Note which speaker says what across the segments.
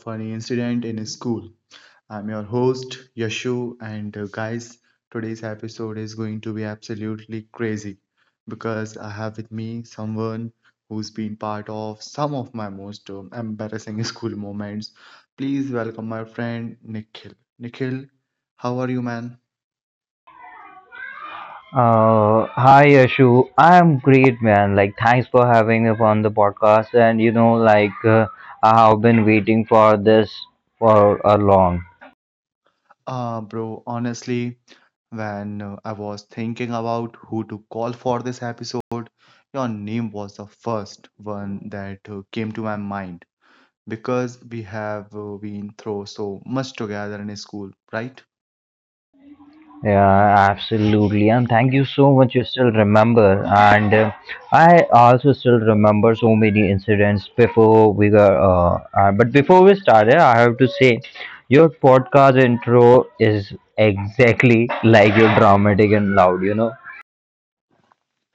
Speaker 1: funny incident in school. I'm your host, Yashu, and guys, today's episode is going to be absolutely crazy because I have with me someone who's been part of some of my most embarrassing school moments. Please welcome my friend Nikhil. Nikhil, how are you, man?
Speaker 2: Hi Yashu, I'm great, man. Like, thanks for having me on the podcast. And like, I have been waiting for this for a long.
Speaker 1: Bro, honestly, when I was thinking about who to call for this episode, your name was the first one that came to my mind because we have been through so much together in school, right?
Speaker 2: Yeah, absolutely. And thank you so much. You still remember, and I also still remember so many incidents before we got. But before we started, I have to say, your podcast intro is exactly like your dramatic and loud.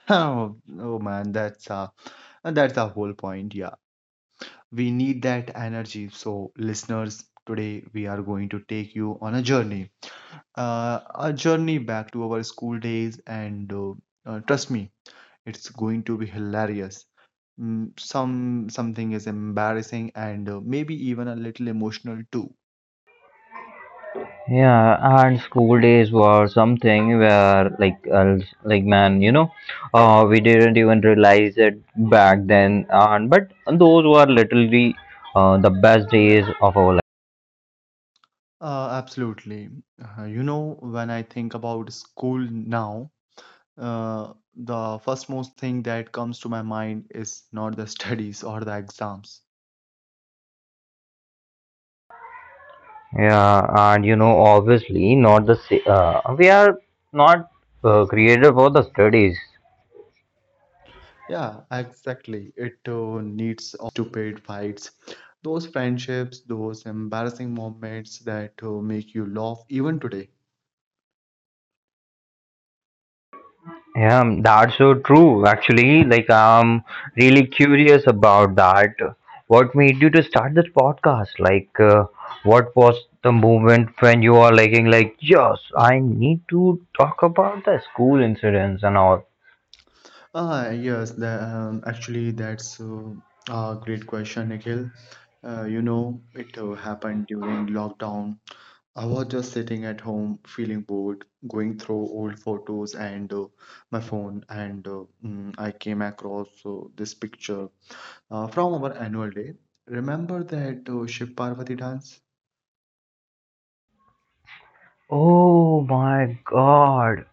Speaker 1: Oh man, that's the whole point. Yeah, we need that energy. So, listeners, today we are going to take you on a journey back to our school days, and trust me, it's going to be hilarious. Something is embarrassing and maybe even a little emotional too.
Speaker 2: Yeah, and school days were something where, like man, we didn't even realize it back then. And but those were literally the best days of our life.
Speaker 1: Absolutely. You know, when I think about school now, the first most thing that comes to my mind is not the studies or the exams.
Speaker 2: Yeah, and you know, obviously, not the we are not created for the studies.
Speaker 1: Yeah, exactly. It needs all those stupid fights, those friendships, those embarrassing moments that make you laugh even today.
Speaker 2: Yeah, that's so true. Actually, like I'm really curious about that. What made you to start this podcast? Like, what was the moment when you are liking, like, yes, I need to talk about the school incidents and all.
Speaker 1: Ah, yes, the, actually, that's a great question, Nikhil. You know, it happened during lockdown. I was just sitting at home, feeling bored, going through old photos and my phone, and I came across this picture from our annual day. Remember that Shiv Parvati dance?
Speaker 2: Oh my God,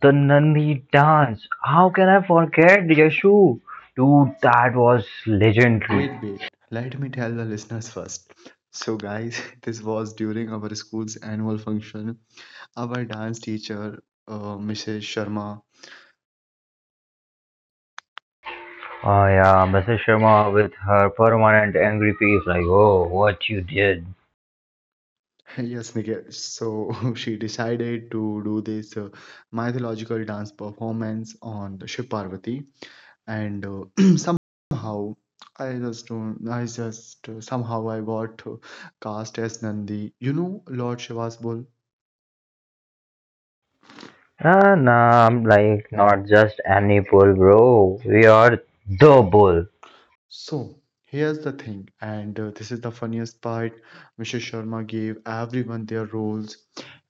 Speaker 2: the Nandi dance. How can I forget Yashu? Dude, that was legendary.
Speaker 1: Wait, wait, let me tell the listeners first. So, guys, this was during our school's annual function. Our dance teacher, Mrs. Sharma,
Speaker 2: Oh yeah, Mrs. Sharma with her permanent angry face, like, oh, what you did.
Speaker 1: yes, Niket. So she decided to do this mythological dance performance on the Shiv Parvati, and somehow I just don't, I just somehow I got cast as Nandi. You know, Lord Shiva's bull.
Speaker 2: Ah, nah, I'm like not just any bull, bro. We are the bull.
Speaker 1: So here's the thing, and this is the funniest part. Mr. Sharma gave everyone their roles,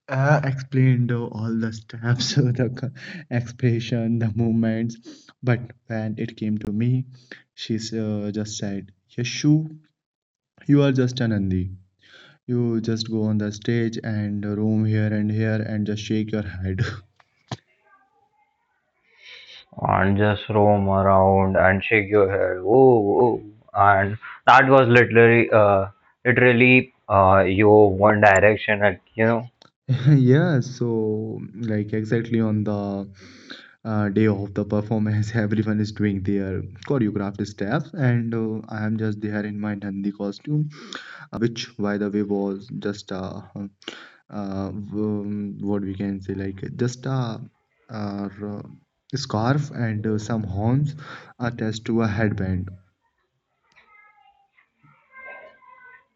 Speaker 1: explained all the steps, the expression, the movements. But when it came to me, she just said, "Yashu, you are just an Nandi. You just go on the stage and roam here and here and just shake your head."
Speaker 2: And just roam around and shake your head. Oh, and that was literally, your One Direction, like, you know.
Speaker 1: Yeah, so like exactly on the day of the performance, everyone is doing their choreographed steps, and I am just there in my Nandi costume, which, by the way, was just what we can say, like just a, uh, r- scarf and some horns attached to a headband.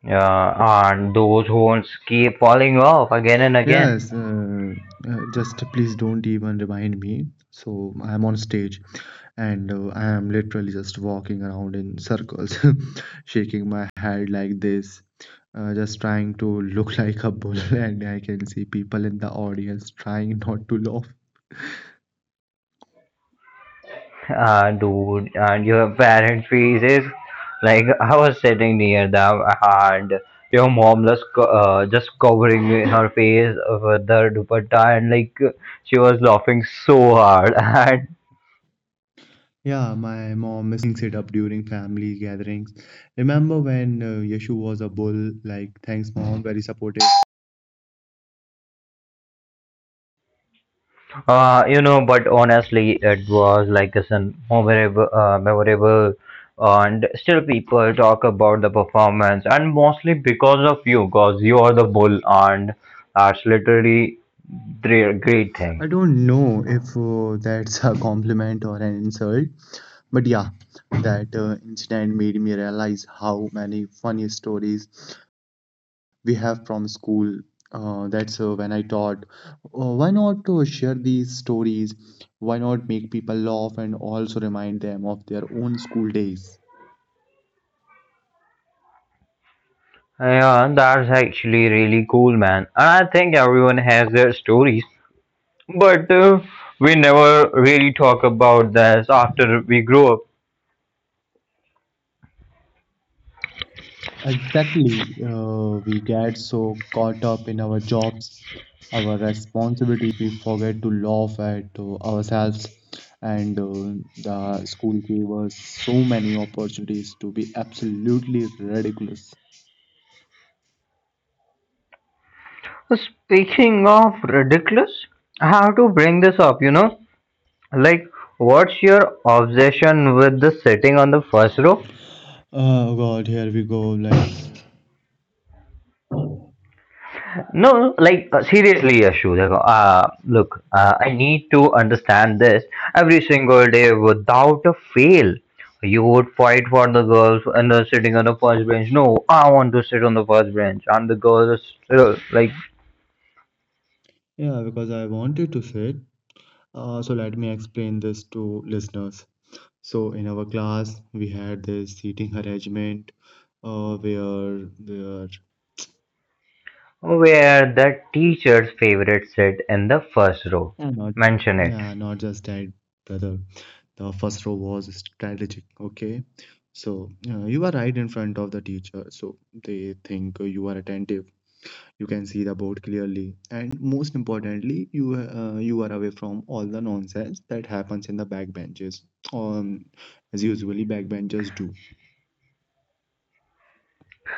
Speaker 2: Yeah, and those horns keep falling off again and again.
Speaker 1: Yes, just please don't even remind me. So I'm on stage and I am literally just walking around in circles, shaking my head like this, just trying to look like a bull. And I can see people in the audience trying not to laugh.
Speaker 2: Dude, and your parent fees is like I was sitting near them, and your mom just just covering in her face with the dupatta, and like she was laughing so hard, and
Speaker 1: Yeah, my mom still brings it up during family gatherings. "Remember when Yeshu was a bull?" Like, thanks, mom, very supportive.
Speaker 2: you know. But honestly, it was like it's a memorable, memorable, and still people talk about the performance, and mostly because of you, cause you are the bull, and that's literally the great thing.
Speaker 1: I don't know if that's a compliment or an insult, but yeah, that incident made me realize how many funny stories we have from school. That's when I thought, "Oh, why not share these stories? Why not make people laugh and also remind them of their own school days?"
Speaker 2: Yeah, that's actually really cool, man. And I think everyone has their stories, but we never really talk about this after we grow
Speaker 1: Exactly. We get so caught up in our jobs, our responsibilities, that we forget to laugh at ourselves. And the school gave us so many opportunities to be absolutely ridiculous.
Speaker 2: up. Speaking of ridiculous, I have to bring this up, you know? Like, what's your obsession with the sitting on the first row?
Speaker 1: Oh God, here we go. Like,
Speaker 2: No, no, no, like seriously, Ashu. Like, look, I need to understand this every single day without a fail. You would fight for the girls and sitting on the first bench. No, I want to sit on the first bench. And the girls like
Speaker 1: yeah, because I wanted to say it. So let me explain this to listeners. So in our class, we had this seating arrangement where there.
Speaker 2: where the teacher's favorite sit in the first row.
Speaker 1: Yeah, not
Speaker 2: Mention it,
Speaker 1: yeah, not just that, brother. The first row was strategic. Okay, so you are right in front of the teacher, so they think you are attentive. You can see the board clearly, and most importantly, you are away from all the nonsense that happens in the back benches, um, as usually back benches do.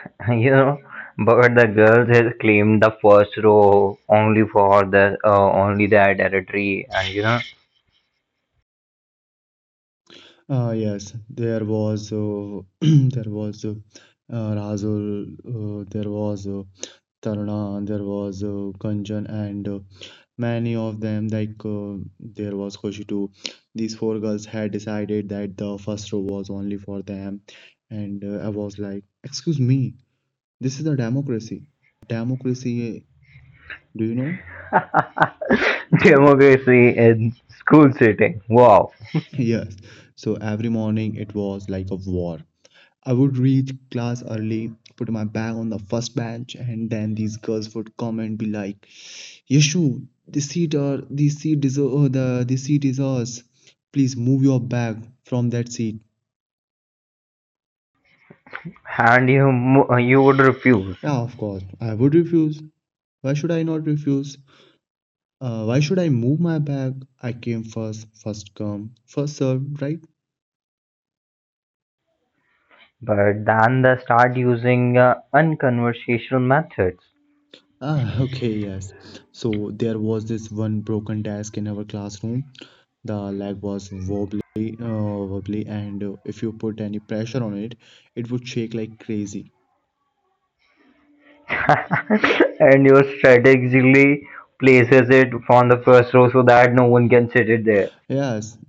Speaker 2: you know. But the girls has claimed the first row only for the only their territory, and you know.
Speaker 1: Yes, there was there was Razul, there was Taruna, there was Kanjan, and many of them, like there was Khoshitu. These four girls had decided that the first row was only for them. And I was like, "Excuse me, this is a democracy. Democracy, do you know?"
Speaker 2: Democracy in school setting. Wow.
Speaker 1: Yes. So every morning it was like a war. I would reach class early, put my bag on the first bench, and then these girls would come and be like, "Yeshu, this seat is the this seat is ours. Please move your bag from that seat."
Speaker 2: And you would refuse,
Speaker 1: Yeah, of course. I would refuse. Why should I not refuse? Why should I move my bag? I came first, first come, first served, right?
Speaker 2: but then they start using unconversational methods,
Speaker 1: Ah, okay, yes. So there was this one broken desk in our classroom. The leg was wobbly, and if you put any pressure on it, it would shake like crazy.
Speaker 2: and you strategically places it on the first row so that no one can sit it there.
Speaker 1: Yes.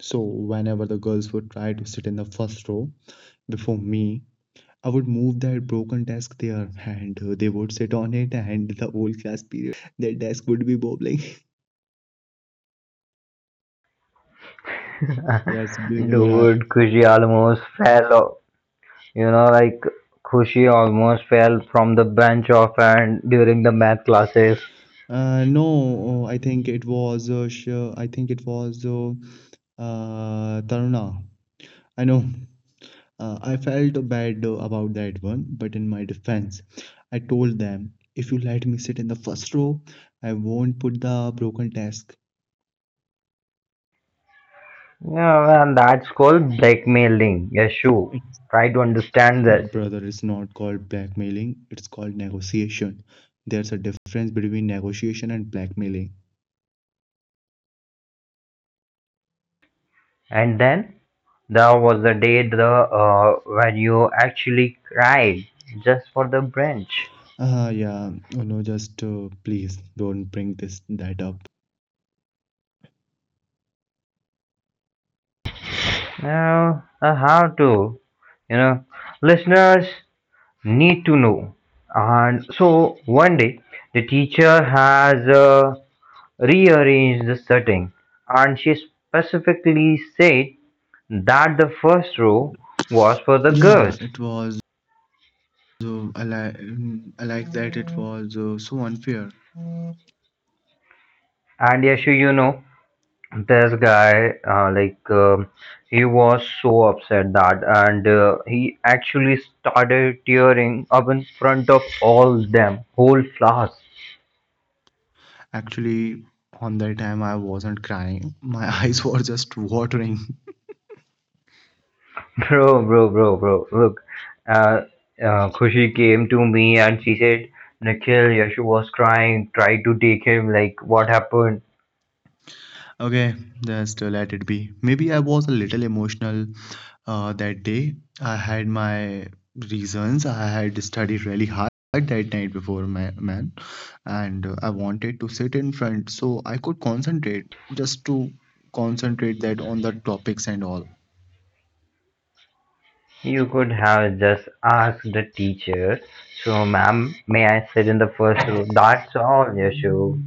Speaker 1: So whenever the girls would try to sit in the first row before me, I would move that broken desk there and they would sit on it and the whole class period that desk would be bobbling. Yes, do you remember? I-
Speaker 2: Dude, Kushi almost fell off. You know, like Kushi almost fell from the bench off and during the math classes.
Speaker 1: No, oh, I think it was sh I think it was Taruna. I know. I felt bad about that one, but in my defense, I told them if you let me sit in the first row, I won't put the broken desk.
Speaker 2: No, and that's called blackmailing. Yeshu,
Speaker 1: It.
Speaker 2: try to understand this.
Speaker 1: Brother, it's not called blackmailing, it's called negotiation. There's a difference between negotiation and blackmailing.
Speaker 2: And then there was the day the when you actually cried just for the branch.
Speaker 1: Ah, yeah, oh no, just please don't bring this that up right now.
Speaker 2: Now, how to, you know, listeners need to know. And so one day the teacher has rearranged the setting, and she specifically said that the first row was for the
Speaker 1: Yeah,
Speaker 2: girls.
Speaker 1: it was I like that it was so unfair.
Speaker 2: And Yashu, you know, this guy, like, he was so upset that, and he actually started tearing up in front of all them, whole class.
Speaker 1: Actually, on that time I wasn't crying. My eyes were just watering.
Speaker 2: Bro, bro, bro, bro, look. Uh, Khushi came to me and she said, Nikhil, Yashu was crying, tried to take him, like, what happened?
Speaker 1: Okay, just let it be. Maybe I was a little emotional that day. I had my reasons. I had studied really hard that night before, my man, and I wanted to sit in front so I could concentrate, just to concentrate that on the topics and all.
Speaker 2: You could have just asked the teacher. So, ma'am, may I sit in the first row? That's all, Yashu.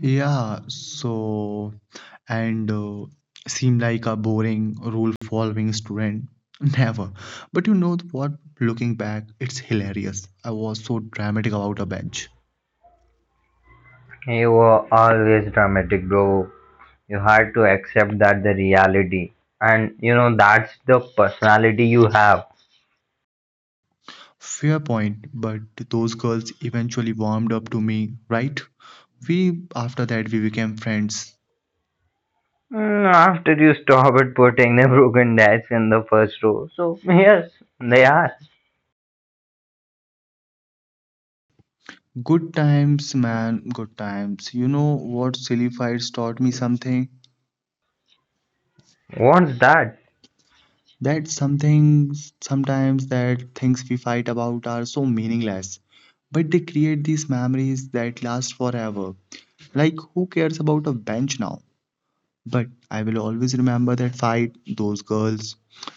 Speaker 1: Yeah, so and seem like a boring rule following student. Never. But you know what? Looking back, it's hilarious. I was so dramatic about a bench.
Speaker 2: You were always dramatic, bro. You had to accept that the reality. And you know, that's the personality you have.
Speaker 1: Fair point, but those girls eventually warmed up to me, right? We, after that, we became friends.
Speaker 2: After you stopped putting the broken dash in the first row. So, yes, they are.
Speaker 1: Good times, man, good times. You know what silly fights taught me something?
Speaker 2: What's that?
Speaker 1: That something sometimes that things we fight about are so meaningless, but they create these memories that last forever. Like who cares about a bench now? But I will always remember that fight, those girls,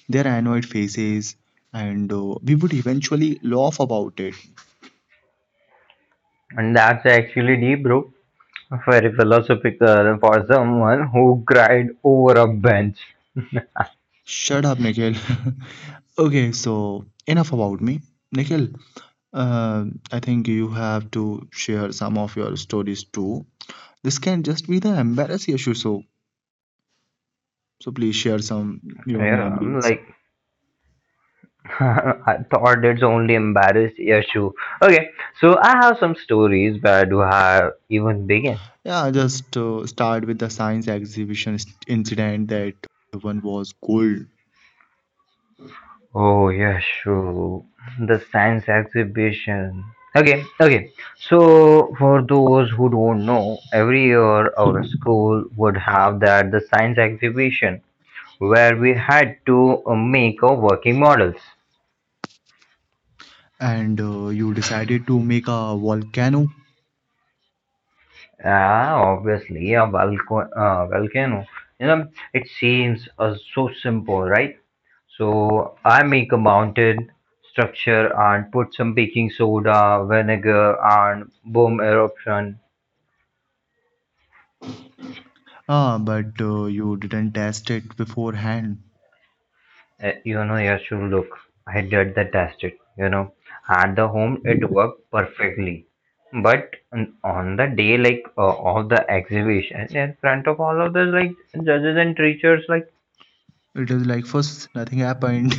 Speaker 1: their annoyed faces, and we would eventually laugh about it.
Speaker 2: And that's actually deep, bro. Very philosophical for someone who cried over a bench.
Speaker 1: Shut up, Nikhil. Okay, so enough about me. Nikhil, uh, I think you have to share some of your stories too. This can just be the embarrassing issue, so so please share some your
Speaker 2: Yeah, I'm
Speaker 1: memories.
Speaker 2: like I thought it's only embarrassed issue. Okay, so I have some stories. Where do I even begin?
Speaker 1: Yeah, just start with the science exhibition incident. That one was cold
Speaker 2: Oh, yeah, sure. The science exhibition. Okay, okay. So, for those who don't know, every year our school would have that the science exhibition where we had to make our working models.
Speaker 1: and you decided to make a volcano,
Speaker 2: Ah, obviously, a volcano. Volcano. You know, it seems so simple, right? So I make a mountain structure and put some baking soda, vinegar, and boom eruption.
Speaker 1: ah, but you didn't test it beforehand.
Speaker 2: Eh, you know, yeah, sure look. I did the test it. You know, at the home it worked perfectly, but on the day like of the exhibition in front of all of the like judges and teachers, like
Speaker 1: It is like first nothing happened,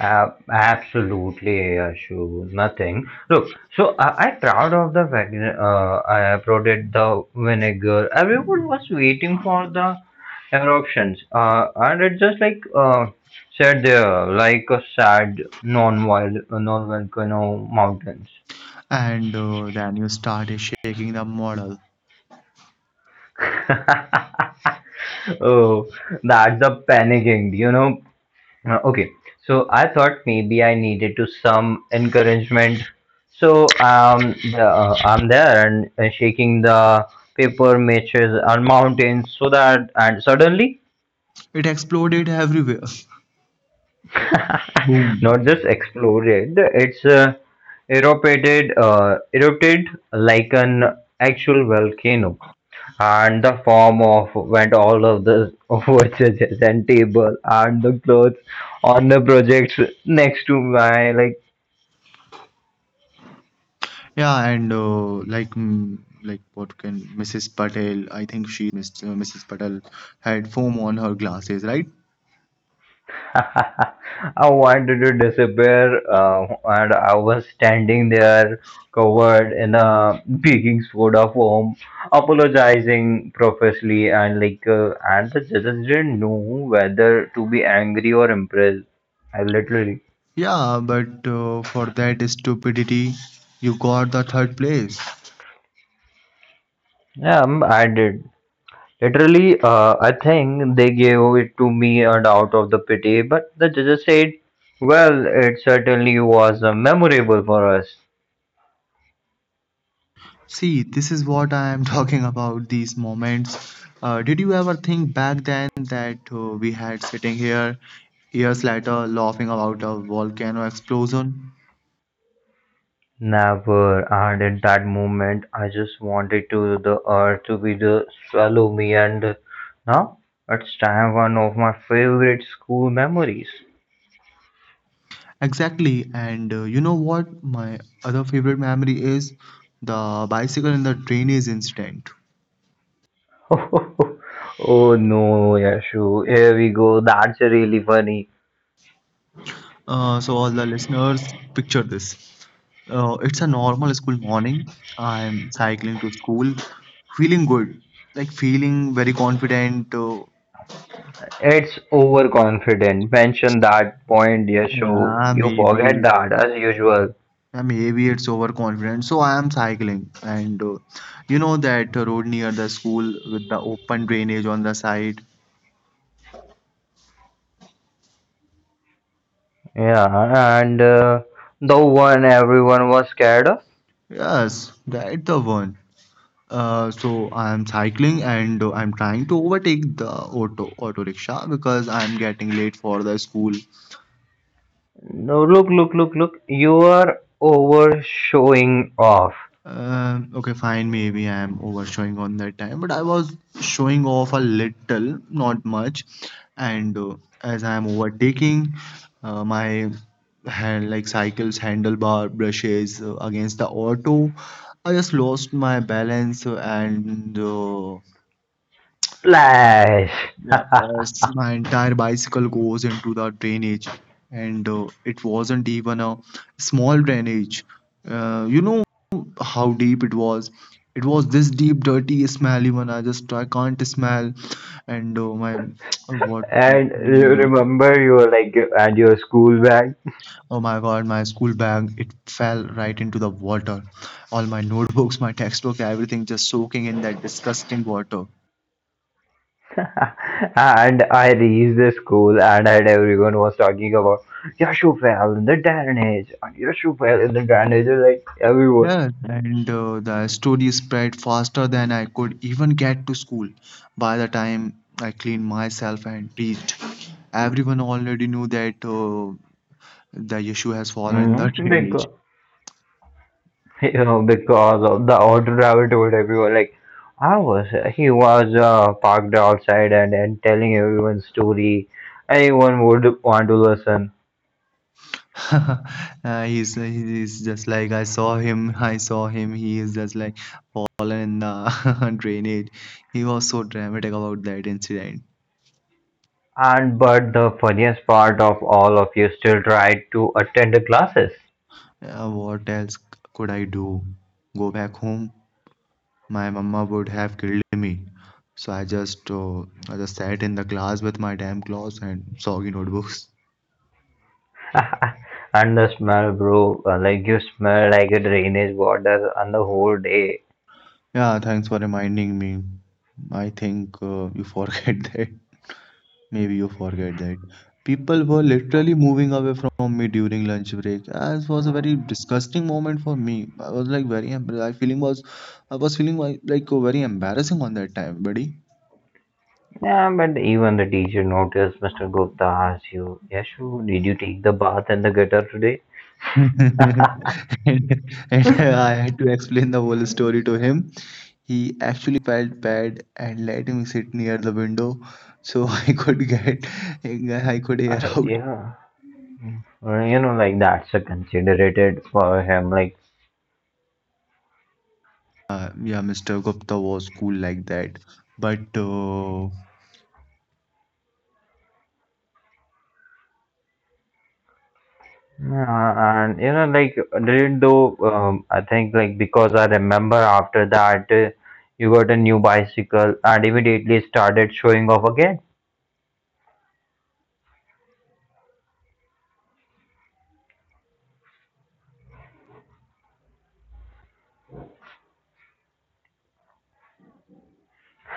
Speaker 2: Absolutely, Ashu. Nothing. Look, so I'm proud of the fact I uploaded the vinegar. Everyone was waiting for the eruptions, and it just like sat there like a sad non-wild, non-volcano mountains.
Speaker 1: and then you started shaking the model.
Speaker 2: Oh, that's the panicking, you know. Okay, so I thought maybe I needed to some encouragement. So I'm there and shaking the paper matches on mountains so that and suddenly,
Speaker 1: It exploded everywhere. Boom.
Speaker 2: not just exploded, it's erupted like an actual volcano, and the form of went all of the watches and table and the clothes on the projects next to my like.
Speaker 1: Yeah, and like like what can Mrs. Patel? I think she's Mr. Mrs. Patel had foam on her glasses, right?
Speaker 2: I wanted to disappear, uh, and I was standing there covered in a baking soda foam, apologizing profusely, and like, and the judges didn't know whether to be angry or impressed. I literally,
Speaker 1: Yeah, but for that stupidity, you got the third place.
Speaker 2: yeah, I did. Literally, I think they gave it to me and out of the pity, but the judges said, well, it certainly was memorable for us.
Speaker 1: See, this is what I am talking about. These moments. Did you ever think back then that we had sitting here years later laughing about a volcano explosion?
Speaker 2: Never. And in that moment, I just wanted to the earth to be the swallow me. And now it's time one of my favorite school memories.
Speaker 1: Exactly. And you know what? My other favorite memory is the bicycle in the drainage incident.
Speaker 2: Oh no, Yashu. Here we go. That's really funny.
Speaker 1: So, all the listeners, picture this. It's a normal school morning. I'm cycling to school, feeling good, like feeling very confident.
Speaker 2: It's overconfident. Mention that point, Yashu.
Speaker 1: Yeah,
Speaker 2: You forget
Speaker 1: maybe.
Speaker 2: that as usual.
Speaker 1: Yeah, Maybe it's overconfident. So I am cycling, and you know that road near the school with the open drainage on the side.
Speaker 2: Yeah, and the one everyone was scared of.
Speaker 1: Yes, that the one. So I'm cycling and I'm trying to overtake the auto rickshaw because I'm getting late for the school.
Speaker 2: No, look, look, look, look. You're over showing off.
Speaker 1: Okay, fine, maybe I'm overshowing on that time, but I was showing off a little, not much. And as I'm overtaking, my hand like cycle's handlebar brushes against the auto. I just lost my balance and
Speaker 2: Splash!
Speaker 1: yeah, as my entire bicycle goes into the drainage, and it wasn't even a small drainage. You know how deep it was. It was this deep, dirty, smelly one. I just I can't smell, and my what?
Speaker 2: And you
Speaker 1: mm, uh,
Speaker 2: remember you were like and your school bag
Speaker 1: Oh my God, my school bag. It fell right into the water. All my notebooks, my textbook, everything just soaking in that disgusting water.
Speaker 2: and I reached the school and had everyone was talking about your shoe fell in the drainage and your shoe fell in the drainage like everyone.
Speaker 1: Yes, and the story spread faster than I could even get to school. By the time I cleaned myself and reached, everyone already knew that the issue has fallen in the
Speaker 2: Mm-hmm.
Speaker 1: drainage.
Speaker 2: Bingo. You know, because of the auto driver told everyone like I was he was parked outside and telling everyone story anyone would want to listen.
Speaker 1: He's just like I saw him. I saw him. He is just like fallen in the drainage. He was so dramatic about that incident.
Speaker 2: And but the funniest part of all of you still tried to attend the classes.
Speaker 1: What else could I do? Go back home? My mama would have killed me. So I just sat in the class with my damn clothes and soggy notebooks.
Speaker 2: And the smell, bro, like you smell like a drainage water on the whole day.
Speaker 1: Yeah, thanks for reminding me. I think you forget that. Maybe you forget that. People were literally moving away from me during lunch break. As was a very disgusting moment for me. I was like very I feeling was I was feeling like very embarrassing on that time, buddy.
Speaker 2: Yeah, but even the teacher noticed. Mr. Gupta asked you, Yashu, did you take the bath in the gutter today?
Speaker 1: and, and I had to explain the whole story to him. He actually felt bad and let me sit near the window so I could get I could air out.
Speaker 2: Yeah. Well, you know, like that's a considerate for him. Like,
Speaker 1: Yeah, Mr. Gupta was cool like that, but
Speaker 2: and you know, like did though. I think like because I remember after that, you got a new bicycle and immediately started showing off again.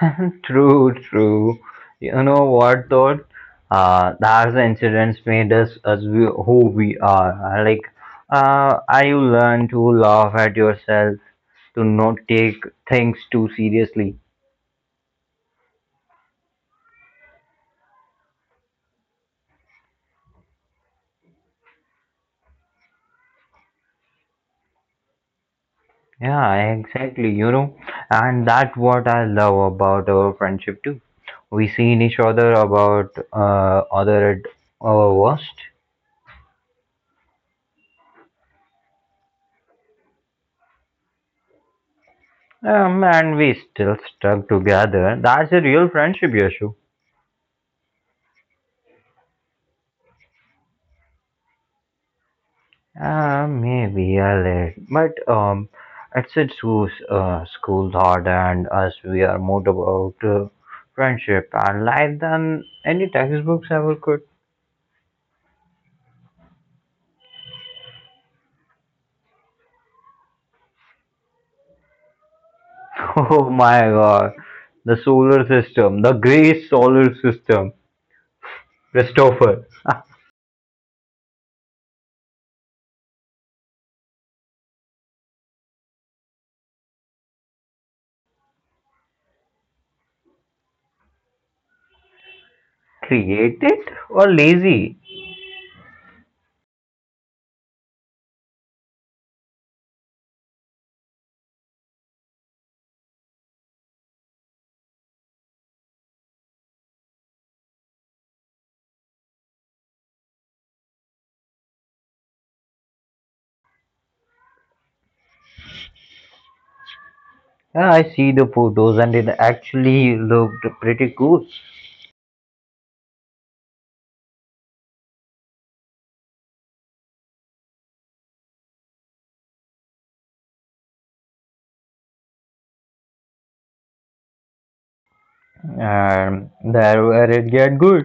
Speaker 2: True, true. You know what though? That's the incidents made us as we, who we are. Like, I learn to laugh at yourself, to not take things too seriously. Yeah, exactly, you know, and that's what I love about our friendship too. We seen each other about other at our worst, and we still stuck together. That's a real friendship, Yashu. Maybe a little, but it's a school, school thought, and us we are more about friendship and life than any textbooks ever could. Oh my god. The solar system, the gray solar system. Christopher. Created or lazy? Yeah, I see the photos and it actually looked pretty cool. And there where it get good.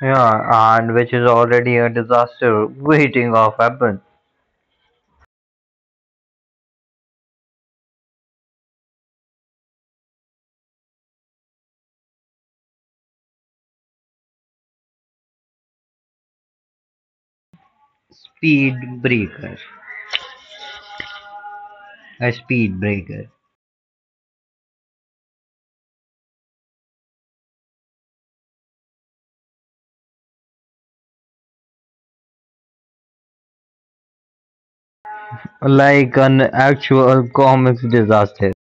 Speaker 2: Yeah, and which is already a disaster waiting of happen. Speed breaker. A speed breaker. Like an actual comics disaster.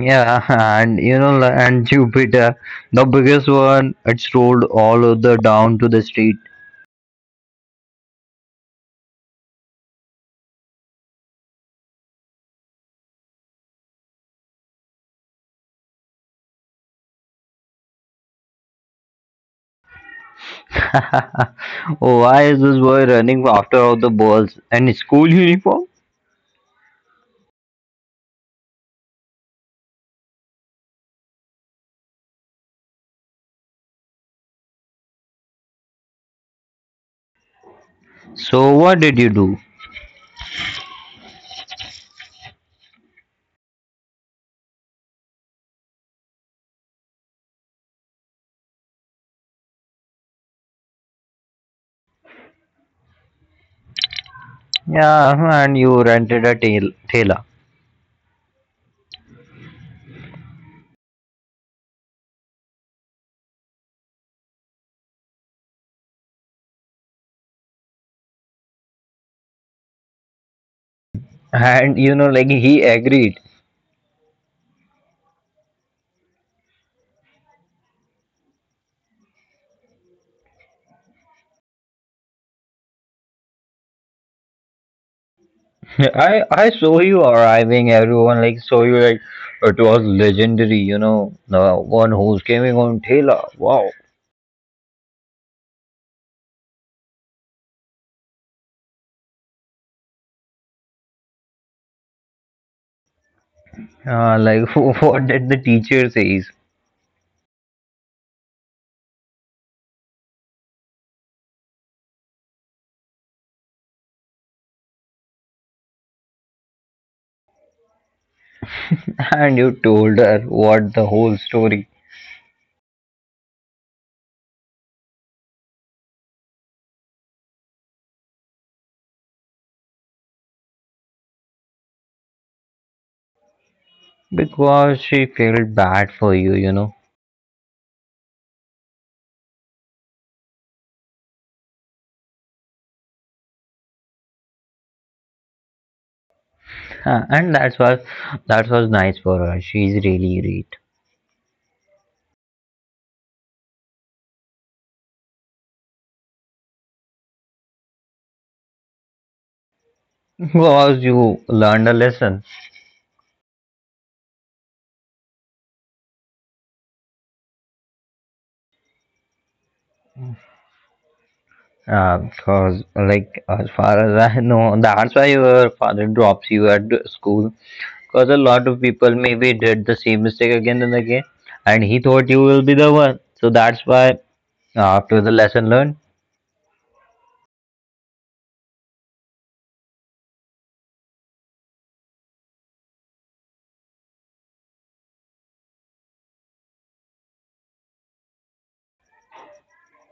Speaker 2: Yeah, and you know, and Jupiter, the biggest one, it's rolled all of the down to the street. Why is this boy running after all the balls in school uniform? So what did you do? Yeah, and you rented a tailor, and you know, like he agreed. I saw you arriving. Everyone like saw you like it was legendary. You know, the one who's coming on tailor. Wow. Like what did the teacher says? And you told her what the whole story because she felt bad for you, you know. And that's was that was nice for her. She's really great because you learned a lesson. Because like as far as I know, that's why your father drops you at the school. Because a lot of people maybe did the same mistake again and again, and he thought you will be the one. So that's why after the lesson learned.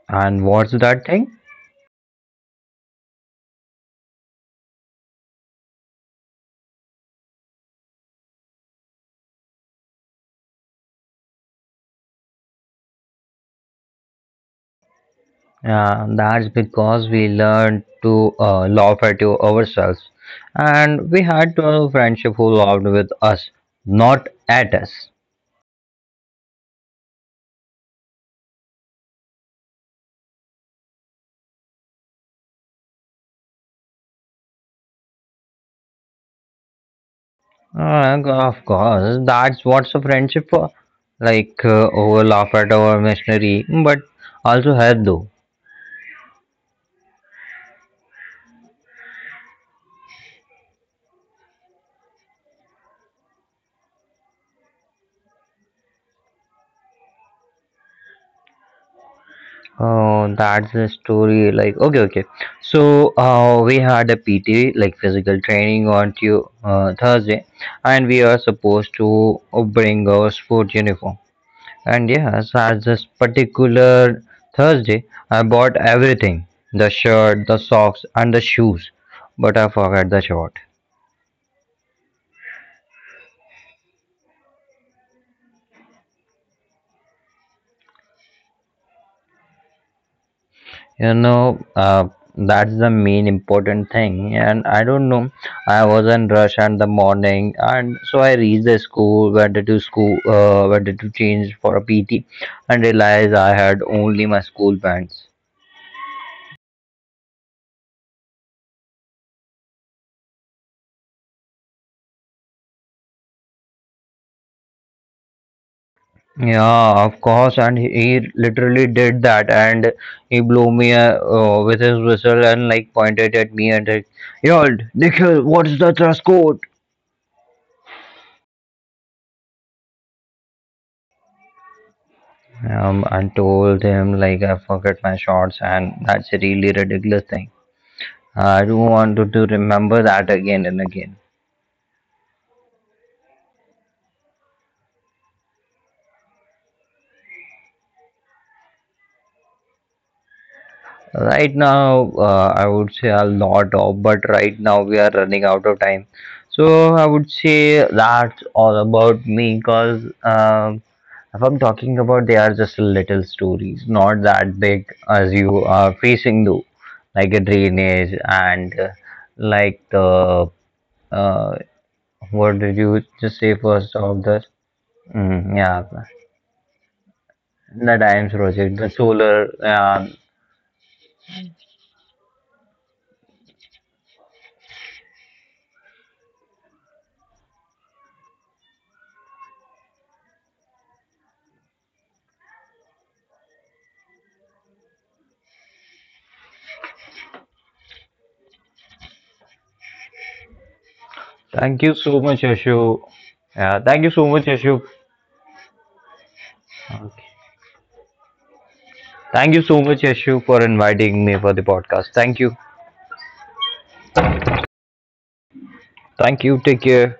Speaker 2: And what's that thing? Yeah, that's because we learned to laugh at you ourselves. And we had a friendship who laughed with us, not at us. Of course, that's what's a friendship for. Like, over laugh at our machinery, but also help though. Oh, that's the story. Like, okay, okay. So, we had a PT, like physical training on Tu Thursday, and we are supposed to bring our sport uniform. And yes, as this particular Thursday, I bought everything the shirt, the socks, and the shoes. But I forgot the shirt. You know, that's the main important thing. And I don't know, I was in rush in the morning. And so I reached the school, went to change for a PT, and realized I had only my school pants. Yeah, of course, and he literally did that, and he blew me with his whistle and like pointed at me and like, "Yo, Nikhil, what is the dress code?" And told him like I forget my shorts, and that's a really ridiculous thing. I don't want to remember that again and again. Right now, I would say a lot of, but right now we are running out of time. So I would say that's all about me because if I'm talking about, they are just little stories, not that big as you are facing though, like a drainage and like the uh, what did you just say first of the yeah the dams project, the solar. Yeah, thank you so much, Ashu. Yeah, thank you so much, Ashu. Okay. Thank you so much, Ashu, for inviting me for the podcast. Thank you. Thank you. Take care.